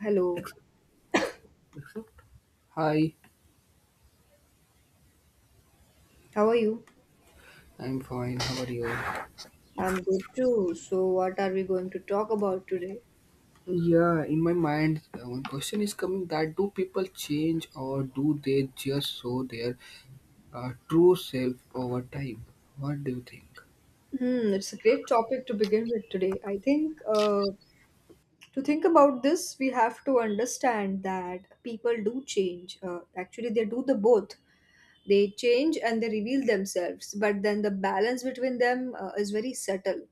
Hello, Hi, how are you? I'm fine. How are you? I'm good too. So, what are we going to talk about today? Yeah, in my mind, one question is coming that do people change or do they just show their true self over time? What do you think? Hmm, it's a great topic to begin with today. I think to think about this, we have to understand that people do change. Actually, they do the both. They change and they reveal themselves, but then the balance between them is very subtle.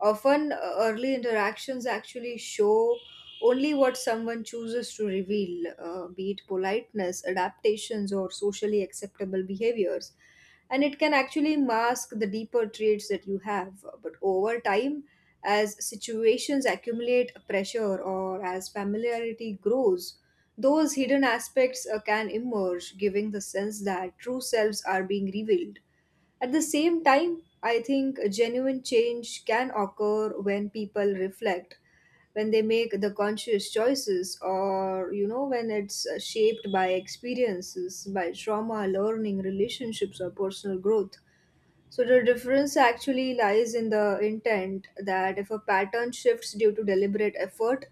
Often, early interactions actually show only what someone chooses to reveal, be it politeness, adaptations, or socially acceptable behaviors. And it can actually mask the deeper traits that you have. But over time, as situations accumulate pressure or as familiarity grows, those hidden aspects can emerge, giving the sense that true selves are being revealed. At the same time, I think a genuine change can occur when people reflect, when they make the conscious choices, or you know, when it's shaped by experiences, by trauma, learning, relationships, or personal growth. So the difference actually lies in the intent that if a pattern shifts due to deliberate effort,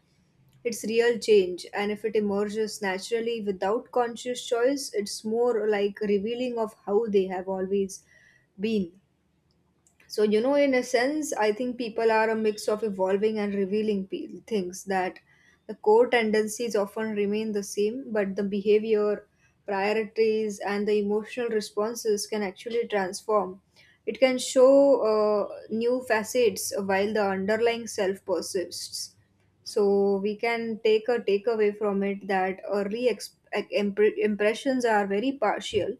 it's real change, and if it emerges naturally without conscious choice, it's more like revealing of how they have always been. So, you know, in a sense, I think people are a mix of evolving and revealing things that the core tendencies often remain the same, but the behavior, priorities, and the emotional responses can actually transform. It can show new facets while the underlying self persists. So we can take a takeaway from it that impressions are very partial,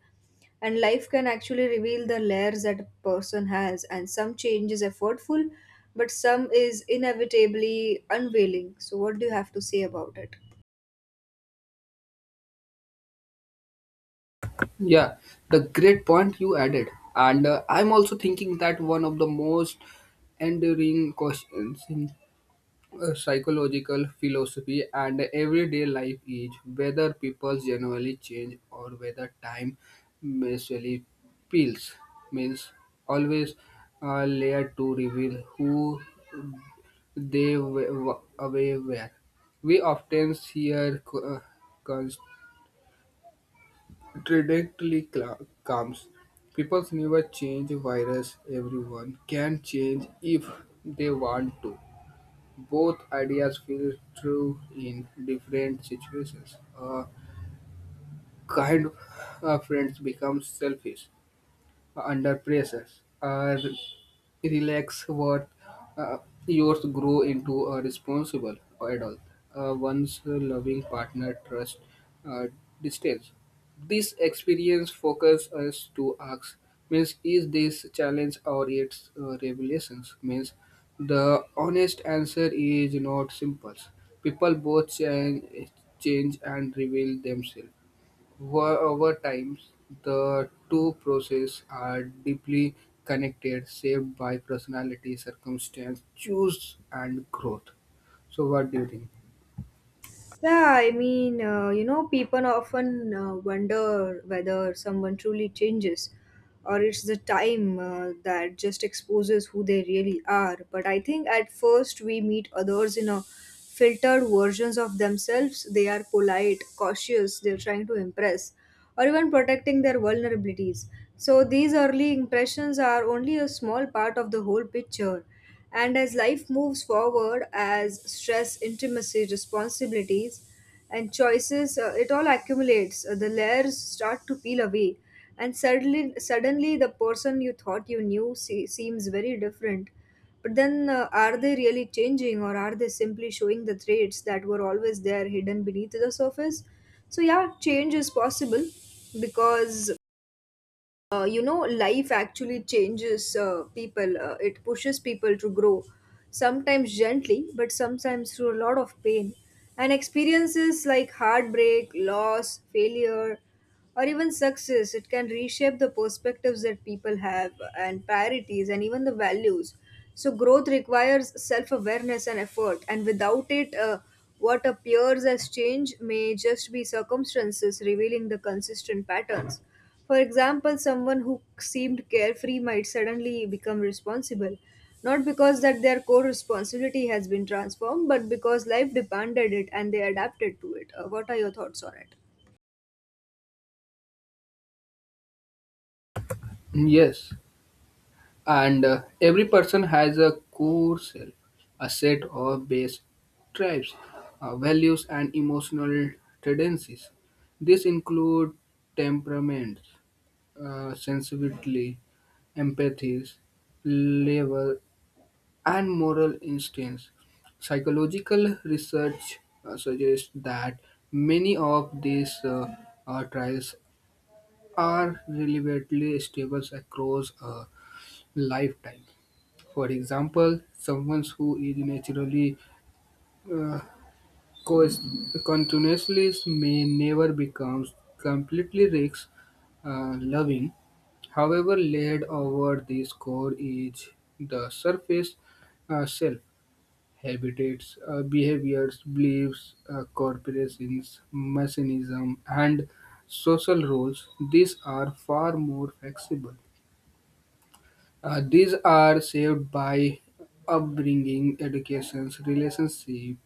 and life can actually reveal the layers that a person has, and some change is effortful, but some is inevitably unveiling. So what do you have to say about it? Yeah, the great point you added. And I'm also thinking that one of the most enduring questions, psychological philosophy and everyday life is whether people generally change or whether time merely peels means always a layer to reveal who they away were. We often hear contradictory comes. People never change virus. Everyone can change if they want to. Both ideas feel true in different situations. A kind friend becomes selfish under pressure. Or relax what uh, yours grow into a responsible adult. One's loving partner trust uh, distance. This experience focus us to ask means is this challenge or its revelations means the honest answer is not simple. People both change, change and reveal themselves. Over time, the two processes are deeply connected, shaped by personality, circumstance, choice, and growth. So, what do you think? Yeah, I mean, you know, people often wonder whether someone truly changes or it's the time that just exposes who they really are. But I think at first we meet others in a filtered versions of themselves. They are polite, cautious, they're trying to impress or even protecting their vulnerabilities. So, these early impressions are only a small part of the whole picture. And as life moves forward, as stress, intimacy, responsibilities, and choices, it all accumulates. The layers start to peel away, and suddenly, the person you thought you knew seems very different. But then, are they really changing or are they simply showing the traits that were always there hidden beneath the surface? So, yeah, change is possible because you know life actually changes people it pushes people to grow, sometimes gently but sometimes through a lot of pain, and experiences like heartbreak, loss, failure, or even success, it can reshape the perspectives that people have, and priorities, and even the values. So growth requires self awareness and effort, and without it what appears as change may just be circumstances revealing the consistent patterns. For example, someone who seemed carefree might suddenly become responsible, not because that their core responsibility has been transformed, but because life demanded it and they adapted to it. What are your thoughts on it? Yes, and every person has a core self, a set of base traits, values, and emotional tendencies. These include temperaments, sensitivity, empathies, level and moral instincts. Psychological research suggests that many of these trials are relatively stable across a lifetime. For example, someone who is naturally uh, coast- continuously may never become completely risk loving. However, laid over this core is the surface self. Habitats, behaviors, beliefs, corporations, mechanism, and social roles. These are far more flexible. These are shaped by upbringing, education, relationship,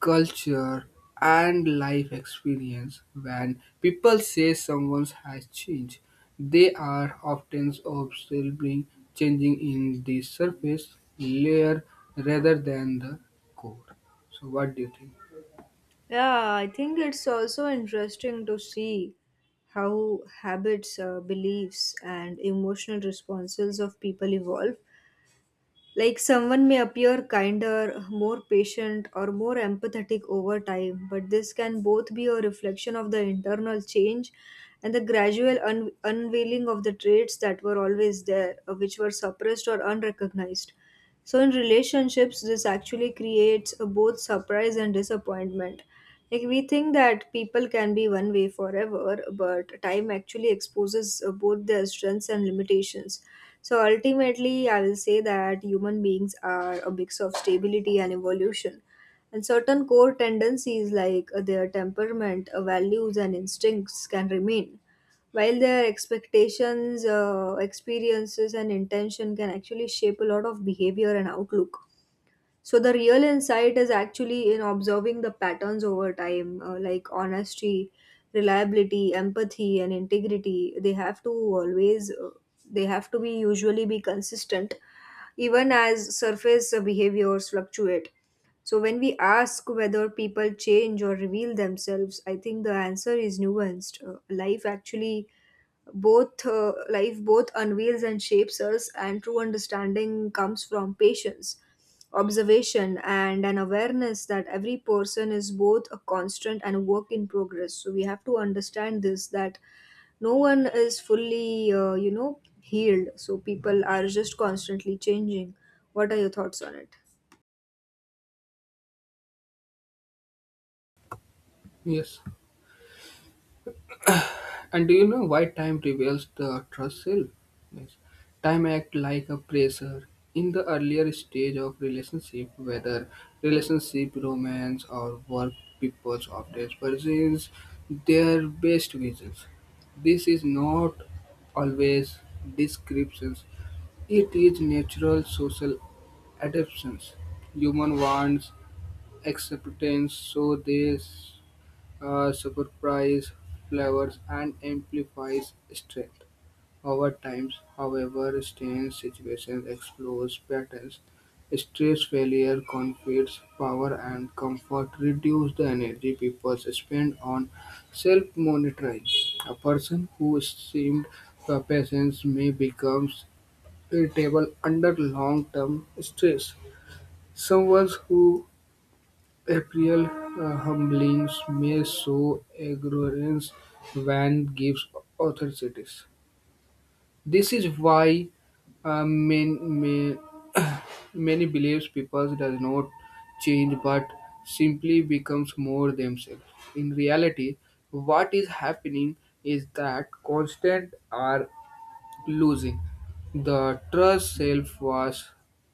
culture, and life experience. When people say someone has changed, they are often observing changing in the surface layer rather than the core. So, what do you think? Yeah, I think it's also interesting to see how habits, beliefs, and emotional responses of people evolve. Like someone may appear kinder, more patient, or more empathetic over time, but this can both be a reflection of the internal change and the gradual unveiling of the traits that were always there, which were suppressed or unrecognized. So in relationships, this actually creates a both surprise and disappointment. Like we think that people can be one way forever, but time actually exposes both their strengths and limitations. So ultimately, I will say that human beings are a mix of stability and evolution. And certain core tendencies like their temperament, values, and instincts can remain while their expectations, experiences, and intention can actually shape a lot of behavior and outlook. So, the real insight is actually in observing the patterns over time, like honesty, reliability, empathy, and integrity. They have to always, they have to be usually be consistent, even as surface behaviors fluctuate. So, when we ask whether people change or reveal themselves, I think the answer is nuanced. Life actually both life both unveils and shapes us, and true understanding comes from patience, observation, and an awareness that every person is both a constant and a work in progress. So we have to understand this, that no one is fully you know healed, so people are just constantly changing. What are your thoughts on it? Yes. And do you know why time reveals the trust self? Means time act like a pressure in the earlier stage of relationship, whether relationship, romance, or work. People often presents their best visions. This is not always descriptions. It is natural social adaptations. Human wants acceptance, so they surprise flavors and amplifies strength. Over time, however, strange situations expose patterns. Stress, failure, conflicts, power, and comfort reduce the energy people spend on self-monitoring. A person who seemed patient may become irritable under long-term stress. Someone who April humblings may sow ignorance when gives authorities. This is why uh, many, many, many believes people does not change but simply becomes more themselves. In reality, what is happening is that constant are losing the trust self was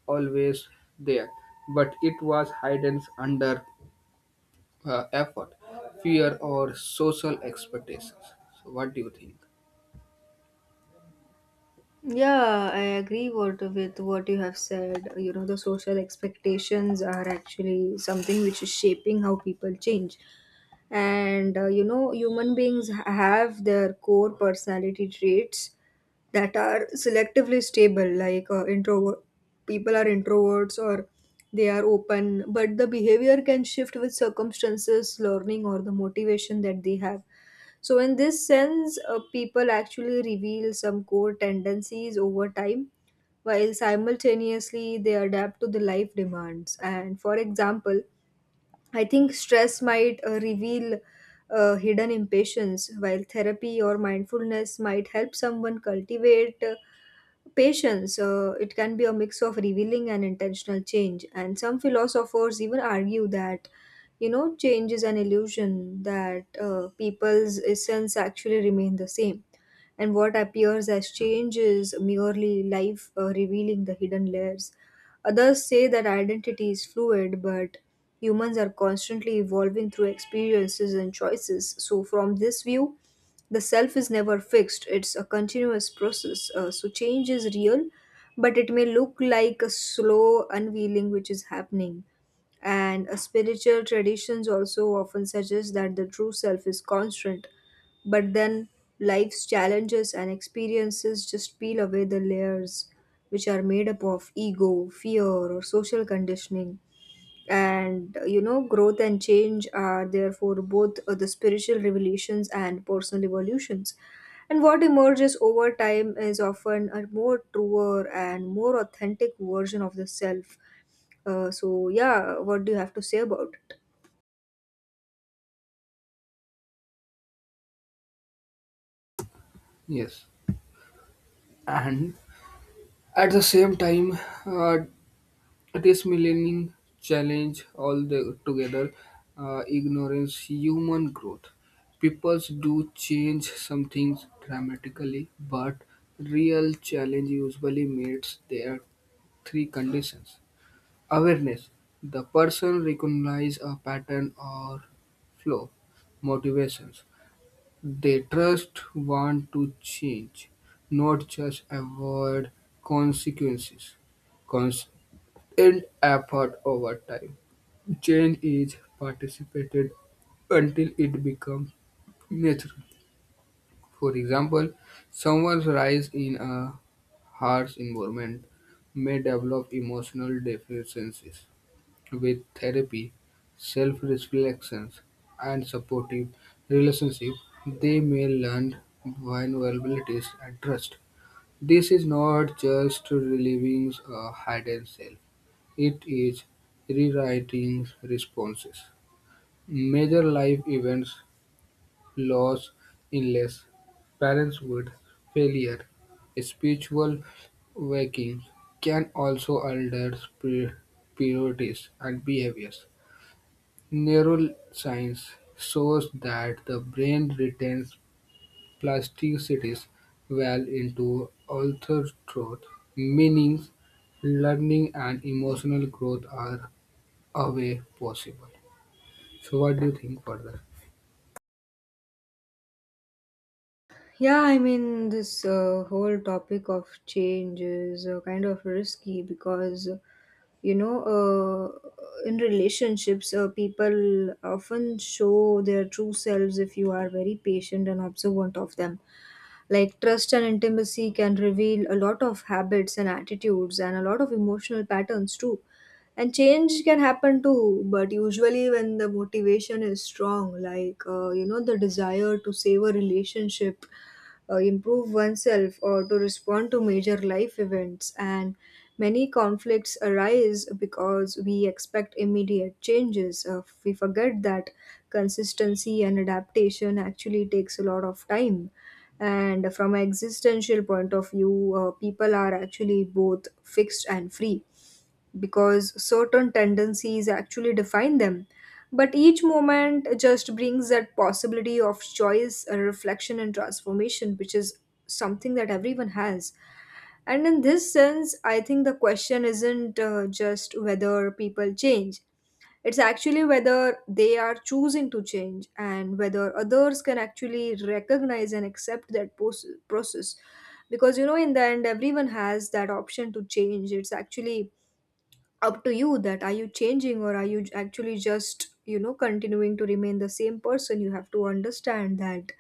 always there, but it was hidden under effort, fear, or social expectations. So, what do you think? Yeah, I agree what with what you have said. You know, the social expectations are actually something which is shaping how people change. And you know human beings have their core personality traits that are selectively stable, like introvert people are introverts, or they are open, but the behavior can shift with circumstances, learning, or the motivation that they have. So in this sense people actually reveal some core tendencies over time while simultaneously they adapt to the life demands. And for example, I think stress might reveal hidden impatience, while therapy or mindfulness might help someone cultivate patience. It can be a mix of revealing and intentional change. And some philosophers even argue that, you know, change is an illusion, that people's essence actually remain the same, and what appears as change is merely life revealing the hidden layers. Others say that identity is fluid, but humans are constantly evolving through experiences and choices. So, from this view, the self is never fixed, it's a continuous process. So, change is real, but it may look like a slow unveiling which is happening. And spiritual traditions also often suggest that the true self is constant, but then life's challenges and experiences just peel away the layers which are made up of ego, fear, or social conditioning. And you know, growth and change are therefore both the spiritual revelations and personal evolutions. And what emerges over time is often a more truer and more authentic version of the self. So yeah, what do you have to say about it? Yes, and at the same time, uh, this millennium challenge all the together ignorance human growth. Peoples do change some things dramatically, but real challenge usually meets their three conditions: awareness, the person recognize a pattern or flow, motivations. They just want to change, not just avoid consequences. Constant effort over time. Change is participated until it becomes natural. For example, someone's rise in a harsh environment may develop emotional deficiencies with therapy, self reflections and supportive relationships, they may learn vulnerabilities and trust. This is not just relieving a hidden self; it is rewriting responses. Major life events, loss, illness, parenthood, failure, spiritual waking can also alter priorities and behaviors. Neuroscience shows that the brain retains plasticities well into adulthood, meaning learning and emotional growth are away possible. So, what do you think further? Yeah, I mean this whole topic of change is kind of risky because you know in relationships people often show their true selves if you are very patient and observant of them. Like trust and intimacy can reveal a lot of habits and attitudes and a lot of emotional patterns too. And change can happen too, but usually when the motivation is strong, like you know, the desire to save a relationship, improve oneself, or to respond to major life events. And many conflicts arise because we expect immediate changes, we forget that consistency and adaptation actually takes a lot of time. And from an existential point of view people are actually both fixed and free because certain tendencies actually define them. But each moment just brings that possibility of choice, a reflection, and transformation, which is something that everyone has. And in this sense, I think the question isn't just whether people change, it's actually whether they are choosing to change and whether others can actually recognize and accept that process. Because, you know, in the end, everyone has that option to change. It's actually up to you that are you changing, or are you actually just, you know, continuing to remain the same person. You have to understand that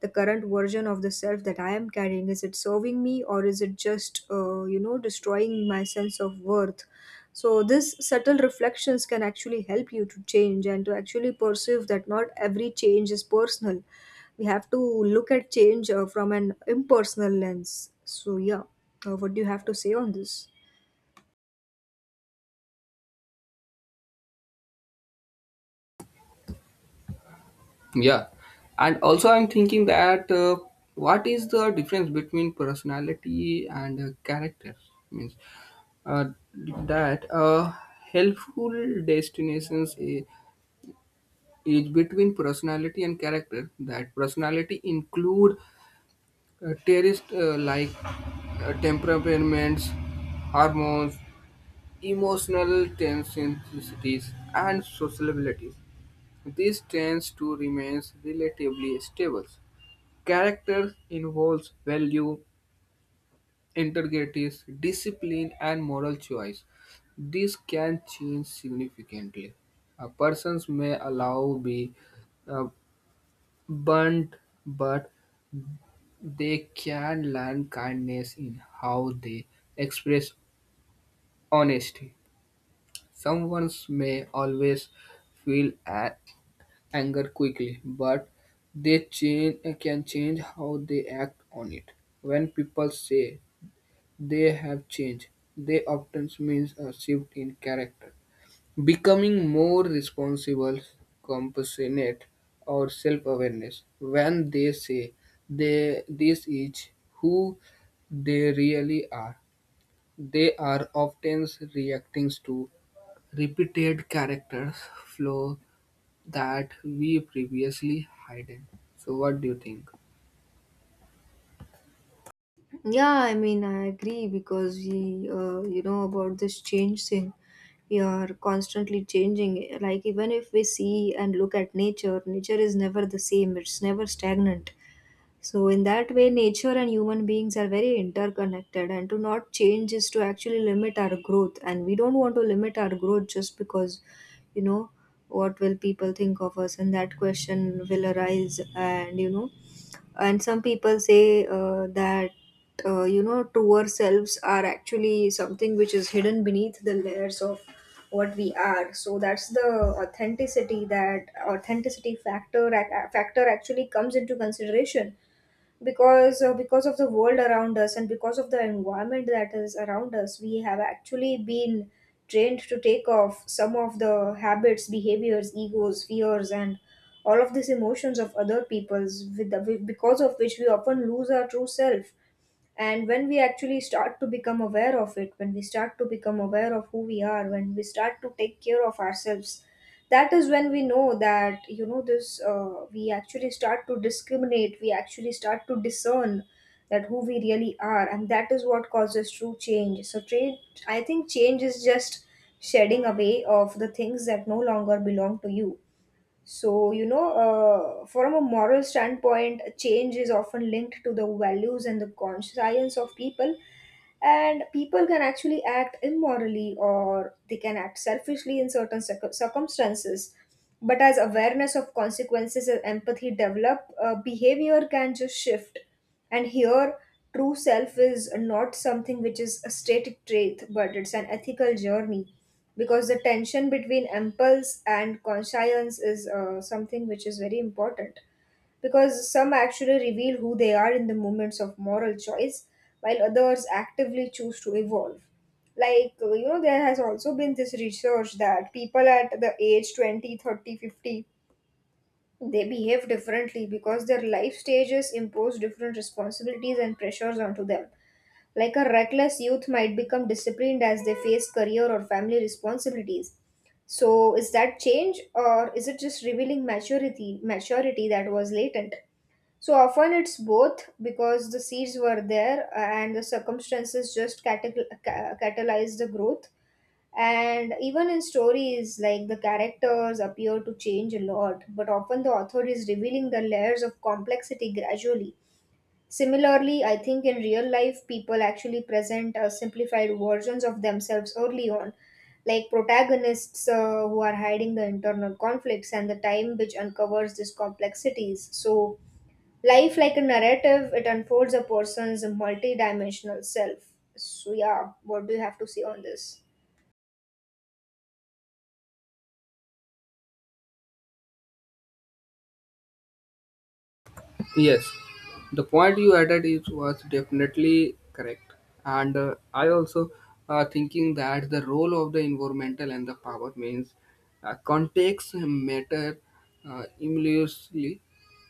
the current version of the self that I am carrying, is it serving me, or is it just you know destroying my sense of worth? So this subtle reflections can actually help you to change and to actually perceive that not every change is personal. We have to look at change from an impersonal lens. So yeah, what do you have to say on this? Yeah, and also I'm thinking that, what is the difference between personality and character? Means uh, that helpful destinations is between personality and character, that personality include traits like temperaments, hormones, emotional tendencies, and sociabilities. This tends to remain relatively stable. Character involves value, integrity, discipline and moral choice. This can change significantly. A person may allow be uh, blunt, but they can learn kindness in how they express honesty. Someone may always feel anger quickly, but can change how they act on it. When people say they have changed, they often means a shift in character. Becoming more responsible, compassionate, or self-awareness. When they say they this is who they really are, they are often reacting to repeated characters flaw that we previously hidden. So, what do you think? Yeah, I mean, I agree because we, you know, about this change thing, we are constantly changing. Like, even if we see and look at nature, nature is never the same, it's never stagnant. So, in that way, nature and human beings are very interconnected, and to not change is to actually limit our growth. And we don't want to limit our growth just because, you know, what will people think of us, and that question will arise, and some people say that truer selves are actually something which is hidden beneath the layers of what we are. So that's the authenticity, that authenticity factor actually comes into consideration because of the world around us and because of the environment that is around us, we have actually been trained to take off some of the habits, behaviors, egos, fears, and all of these emotions of other people's because of which we often lose our true self. And when we actually start to become aware of it, when we start to become aware of who we are, when we start to take care of ourselves, that is when we know that you know this we actually start to discriminate, we actually start to discern that who we really are, and that is what causes true change. So change I think change is just shedding away of the things that no longer belong to you. So, from a moral standpoint, change is often linked to the values and the conscience of people, and people can actually act immorally or they can act selfishly in certain circumstances, but as awareness of consequences and empathy develop, behavior can just shift. And here, true self is not something which is a static trait, but it's an ethical journey, because the tension between impulse and conscience is something which is very important, because some actually reveal who they are in the moments of moral choice, while others actively choose to evolve. Like, there has also been this research that people at the age 20, 30, 50, they behave differently because their life stages impose different responsibilities and pressures onto them. Like a reckless youth might become disciplined as they face career or family responsibilities. So is that change, or is it just revealing maturity that was latent? So often it's both, because the seeds were there, and the circumstances just catalyze the growth. And even in stories, like the characters appear to change a lot, but often the author is revealing the layers of complexity gradually. Similarly, I think in real life, people actually present simplified versions of themselves early on, like protagonists who are hiding the internal conflicts and the time which uncovers these complexities. So life, like a narrative, it unfolds a person's multidimensional self. So, yeah, what do you have to say on this? Yes, the point you added is was definitely correct, and I also thinking that the role of the environmental and the power means context matter immensely.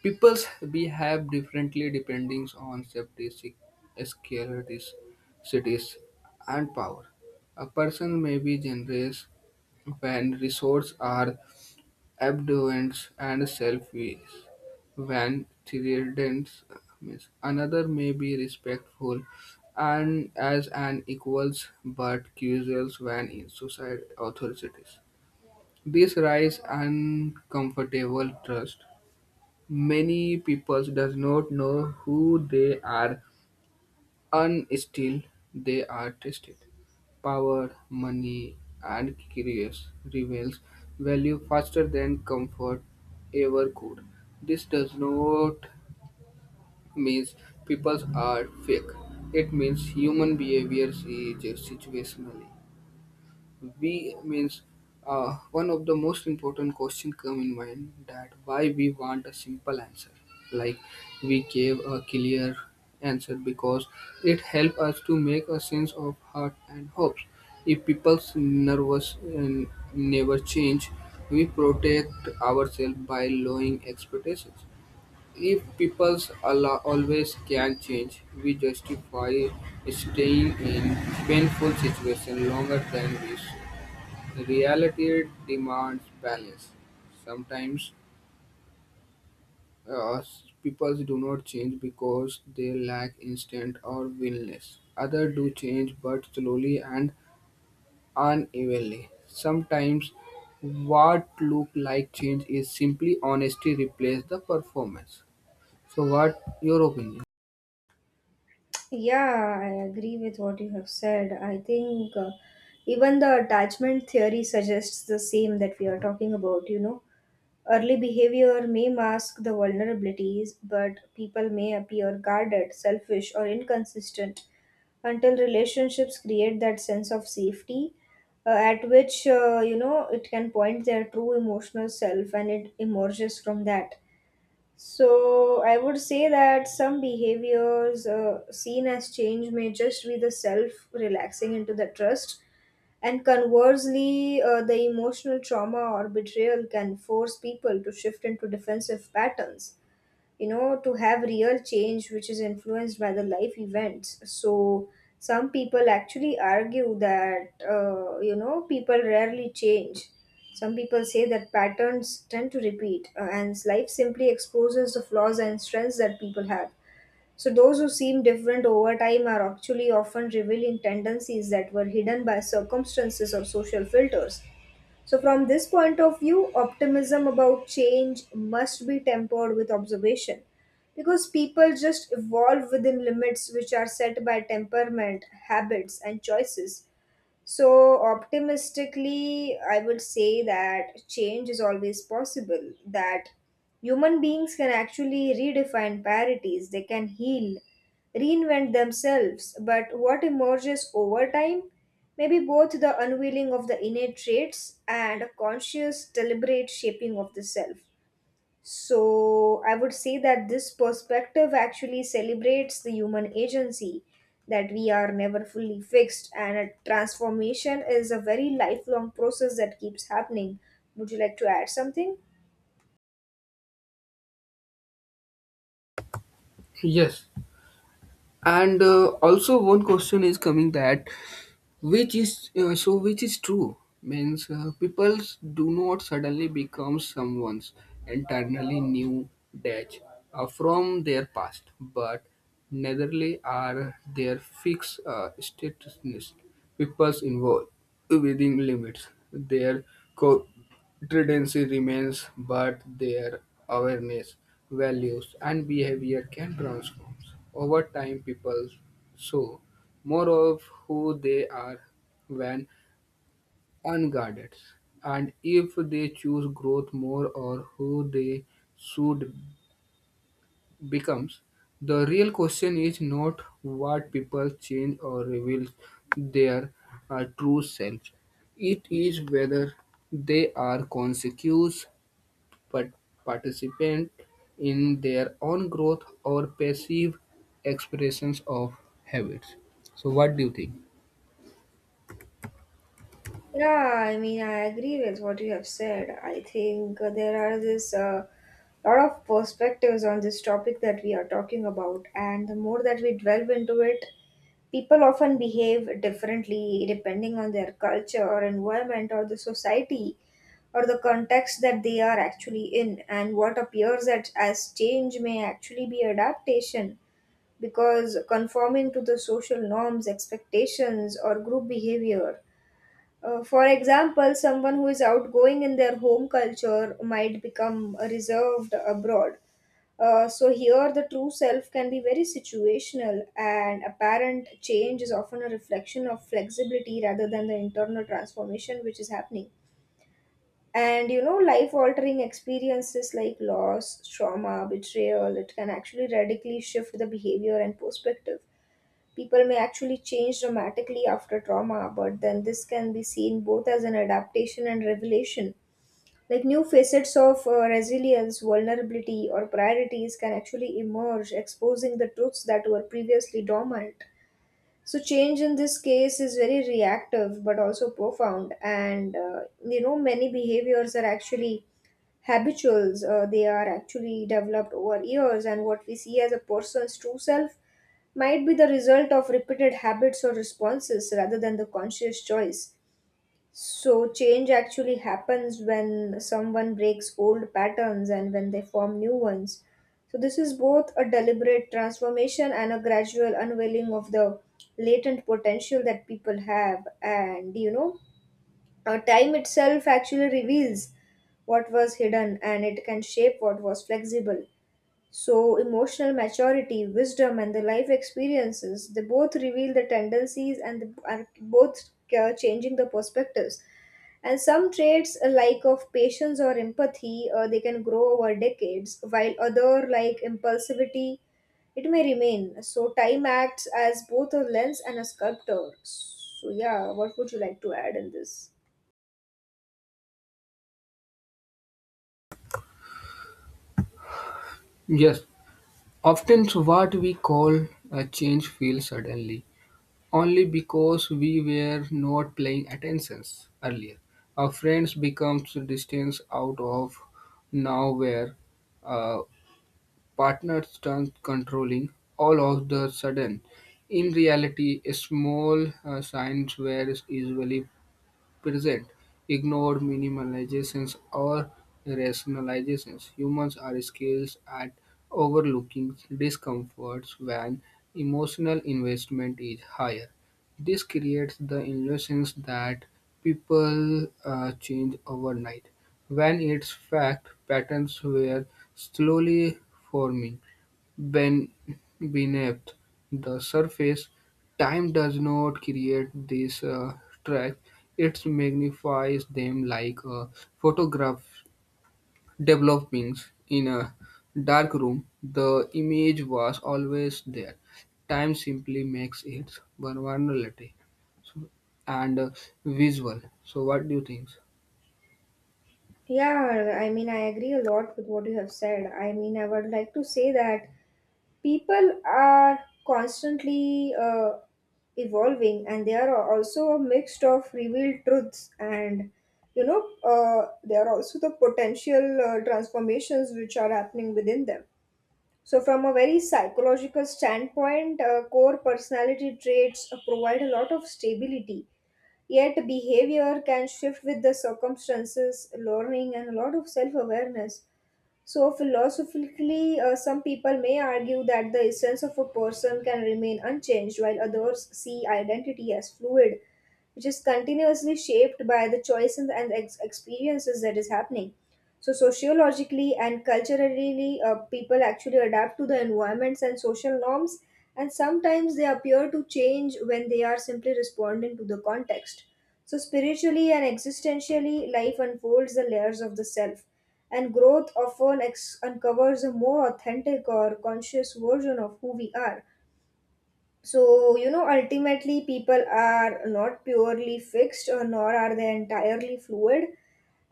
People's behave differently depending on safety, securities, cities, and power. A person may be generous when resources are abduance and selfies. When thrillance means another may be respectful and as an equals but casuals when in society authorities. This rise uncomfortable trust. Many people does not know who they are and still they are tested. Power, money, and curious reveals value faster than comfort ever could. This does not mean people are fake. It means human behavior is situational. We means one of the most important question come in mind that why we want a simple answer. Like we gave a clear answer because it help us to make a sense of heart and hopes. If people's nervous and never change, we protect ourselves by lowering expectations. If people's allow, always can change, we justify staying in painful situation longer than we. Reality demands balance. Sometimes uh, people do not change because they lack instinct or willingness. Others do change but slowly and unevenly. Sometimes what look like change is simply honesty replace the performance. So what your opinion? Yeah, I agree with what you have said. I think even the attachment theory suggests the same that we are talking about, you know. Early behavior may mask the vulnerabilities, but people may appear guarded, selfish, or inconsistent until relationships create that sense of safety, at which it can point their true emotional self, and it emerges from that. So I would say that some behaviors seen as change may just be the self relaxing into the trust. And conversely, the emotional trauma or betrayal can force people to shift into defensive patterns, you know, to have real change which is influenced by the life events. So, some people actually argue that, people rarely change. Some people say that patterns tend to repeat, and life simply exposes the flaws and strengths that people have. So, those who seem different over time are actually often revealing tendencies that were hidden by circumstances or social filters. So, from this point of view, optimism about change must be tempered with observation, because people just evolve within limits which are set by temperament, habits, and choices. So, optimistically, I would say that change is always possible, that human beings can actually redefine parities, they can heal, reinvent themselves. But what emerges over time may be both the unveiling of the innate traits and a conscious, deliberate shaping of the self. So I would say that this perspective actually celebrates the human agency, that we are never fully fixed, and a transformation is a very lifelong process that keeps happening. Would you like to add something? Yes. And also one question is coming that which is which is true means people do not suddenly become someone's entirely new dash from their past, but neitherly are their fixed statusness. People's involved within limits their co tendency remains, but their awareness, values and behavior can transform over time. People so more of who they are when unguarded, and if they choose growth, more or who they should becomes. The real question is not what people change or reveal their true selves. It is whether they are conscious but participant in their own growth or passive expressions of habits. So, what do you think? Yeah, I mean, I agree with what you have said. I think there are this lot of perspectives on this topic that we are talking about, and the more that we delve into it, people often behave differently depending on their culture or environment or the society or the context that they are actually in, and what appears as change may actually be adaptation, because conforming to the social norms, expectations, or group behavior. For example, someone who is outgoing in their home culture might become reserved abroad. So here the true self can be very situational, and apparent change is often a reflection of flexibility rather than the internal transformation which is happening. And you know, life altering experiences like loss, trauma, betrayal, it can actually radically shift the behavior and perspective. People may actually change dramatically after trauma, but then this can be seen both as an adaptation and revelation, like new facets of resilience, vulnerability, or priorities can actually emerge, exposing the truths that were previously dormant. So change in this case is very reactive but also profound. And you know, many behaviors are actually habituals, they are actually developed over years, and what we see as a person's true self might be the result of repeated habits or responses rather than the conscious choice. So, change actually happens when someone breaks old patterns and when they form new ones. So, this is both a deliberate transformation and a gradual unveiling of the latent potential that people have. And you know, time itself actually reveals what was hidden and it can shape what was flexible. So, emotional maturity, wisdom, and the life experiences, they both reveal the tendencies and the, are both changing the perspectives, and some traits like of patience or empathy, they can grow over decades, while other like impulsivity, it may remain. So time acts as both a lens and a sculptor. So yeah, what would you like to add in this? Yes. Often what we call a change feels suddenly, only because we were not paying attention earlier. A friend becomes distant out of nowhere. A partner turns controlling all of the sudden. In reality, small signs were usually present, ignored minimizations or rationalizations. Humans are skilled at overlooking discomforts when emotional investment is higher. This creates the illusion that people change overnight, when its fact patterns were slowly forming. Ben- Beneath the surface, time does not create these tracks; it magnifies them like a photograph develops in a dark room. The image was always there. Time simply makes it vulnerability so- and visual. So, what do you think? Yeah, I mean, I agree a lot with what you have said. I mean, I would like to say that people are constantly evolving, and they are also a mix of revealed truths, and there are also the potential transformations which are happening within them. So from a very psychological standpoint, core personality traits provide a lot of stability. Yet behavior can shift with the circumstances, learning, and a lot of self awareness. So, philosophically, some people may argue that the essence of a person can remain unchanged, while others see identity as fluid, which is continuously shaped by the choices and experiences that is happening. So sociologically and culturally, people actually adapt to the environments and social norms, and sometimes they appear to change when they are simply responding to the context. So spiritually and existentially, life unfolds the layers of the self, and growth often uncovers a more authentic or conscious version of who we are. So, you know, ultimately, people are not purely fixed, or nor are they entirely fluid,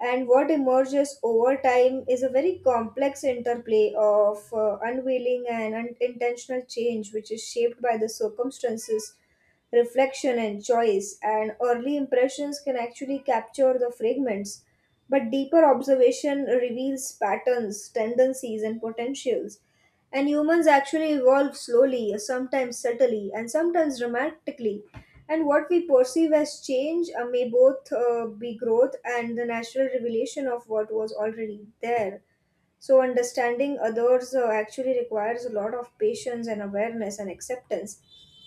and what emerges over time is a very complex interplay of unwilling and unintentional change, which is shaped by the circumstances, reflection, and choice. And early impressions can actually capture the fragments, but deeper observation reveals patterns, tendencies, and potentials. And humans actually evolve slowly, sometimes subtly, and sometimes dramatically, and what we perceive as change may both be growth and the natural revelation of what was already there. So, understanding others actually requires a lot of patience and awareness and acceptance,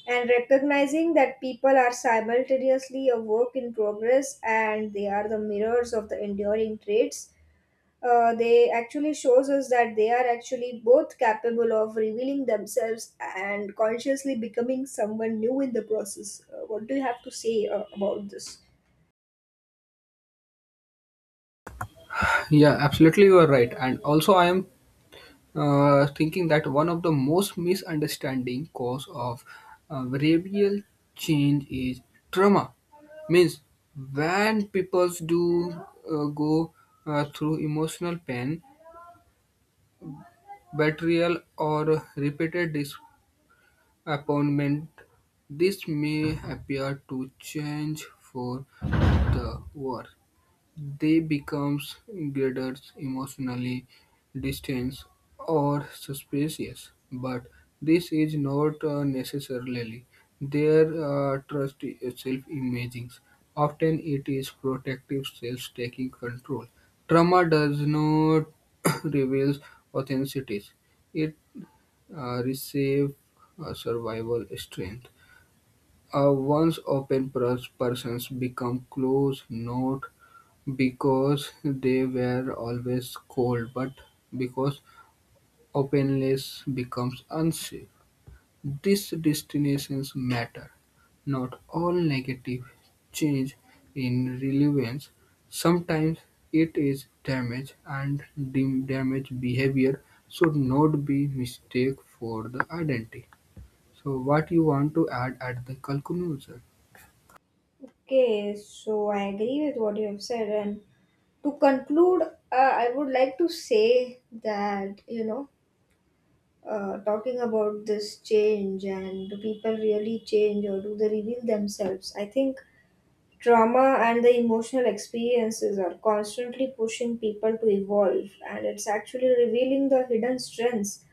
and recognizing that people are simultaneously a work in progress and they are the mirrors of the enduring traits, they actually shows us that they are actually both capable of revealing themselves and consciously becoming someone new in the process. What do you have to say about this? Yeah, absolutely, you are right. And also, I am thinking that one of the most misunderstanding cause of behavioral change is trauma. Means when people do go through emotional pain, betrayal, or repeated disappointment, this may appear to change for the worse. They become Geddes emotionally distant or suspicious, but this is not necessarily their trust self-imaging. Often it is protective self-taking control. Trauma does not reveal authenticity. It receives survival strength. A once-open persons become closed not because they were always cold, but because openness becomes unsafe. These destinations matter. Not all negative change in relevance. Sometimes it is damage, and the damage behavior should not be mistake for the identity. So, what you want to add at the conclusion? Okay, so I agree with what you have said, and to conclude, I would like to say that you know, talking about this change and do people really change or do they reveal themselves? I think trauma and the emotional experiences are constantly pushing people to evolve, and it's actually revealing the hidden strengths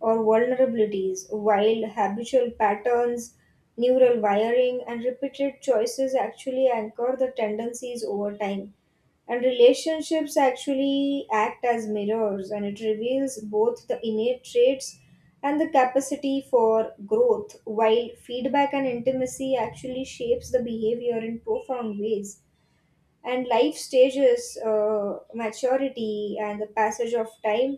or vulnerabilities, while habitual patterns, neural wiring, and repeated choices actually anchor the tendencies over time. And relationships actually act as mirrors, and it reveals both the innate traits and the capacity for growth, while feedback and intimacy actually shapes the behavior in profound ways. And life stages, maturity, and the passage of time,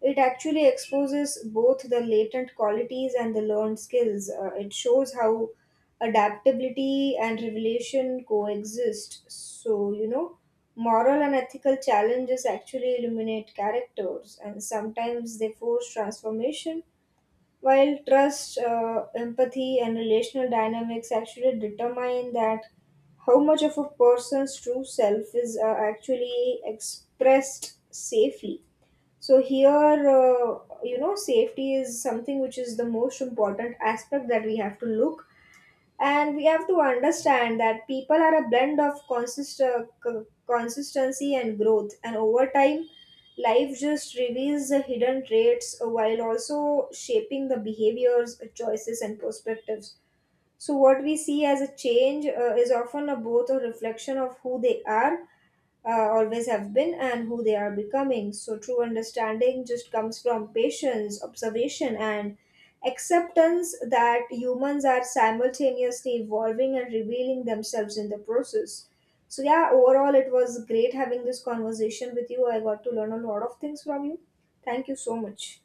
it actually exposes both the latent qualities and the learned skills. It shows how adaptability and revelation coexist. So, you know, moral and ethical challenges actually illuminate characters, and sometimes they force transformation, while trust, empathy, and relational dynamics actually determine that how much of a person's true self is actually expressed safely. So, here, you know, safety is something which is the most important aspect that we have to look, and we have to understand that people are a blend of consistency and growth, and over time life just reveals the hidden traits, while also shaping the behaviors, choices, and perspectives. So what we see as a change is often a both a reflection of who they are, always have been, and who they are becoming. So, true understanding just comes from patience, observation, and acceptance that humans are simultaneously evolving and revealing themselves in the process. So, yeah, overall, it was great having this conversation with you. I got to learn a lot of things from you. Thank you so much.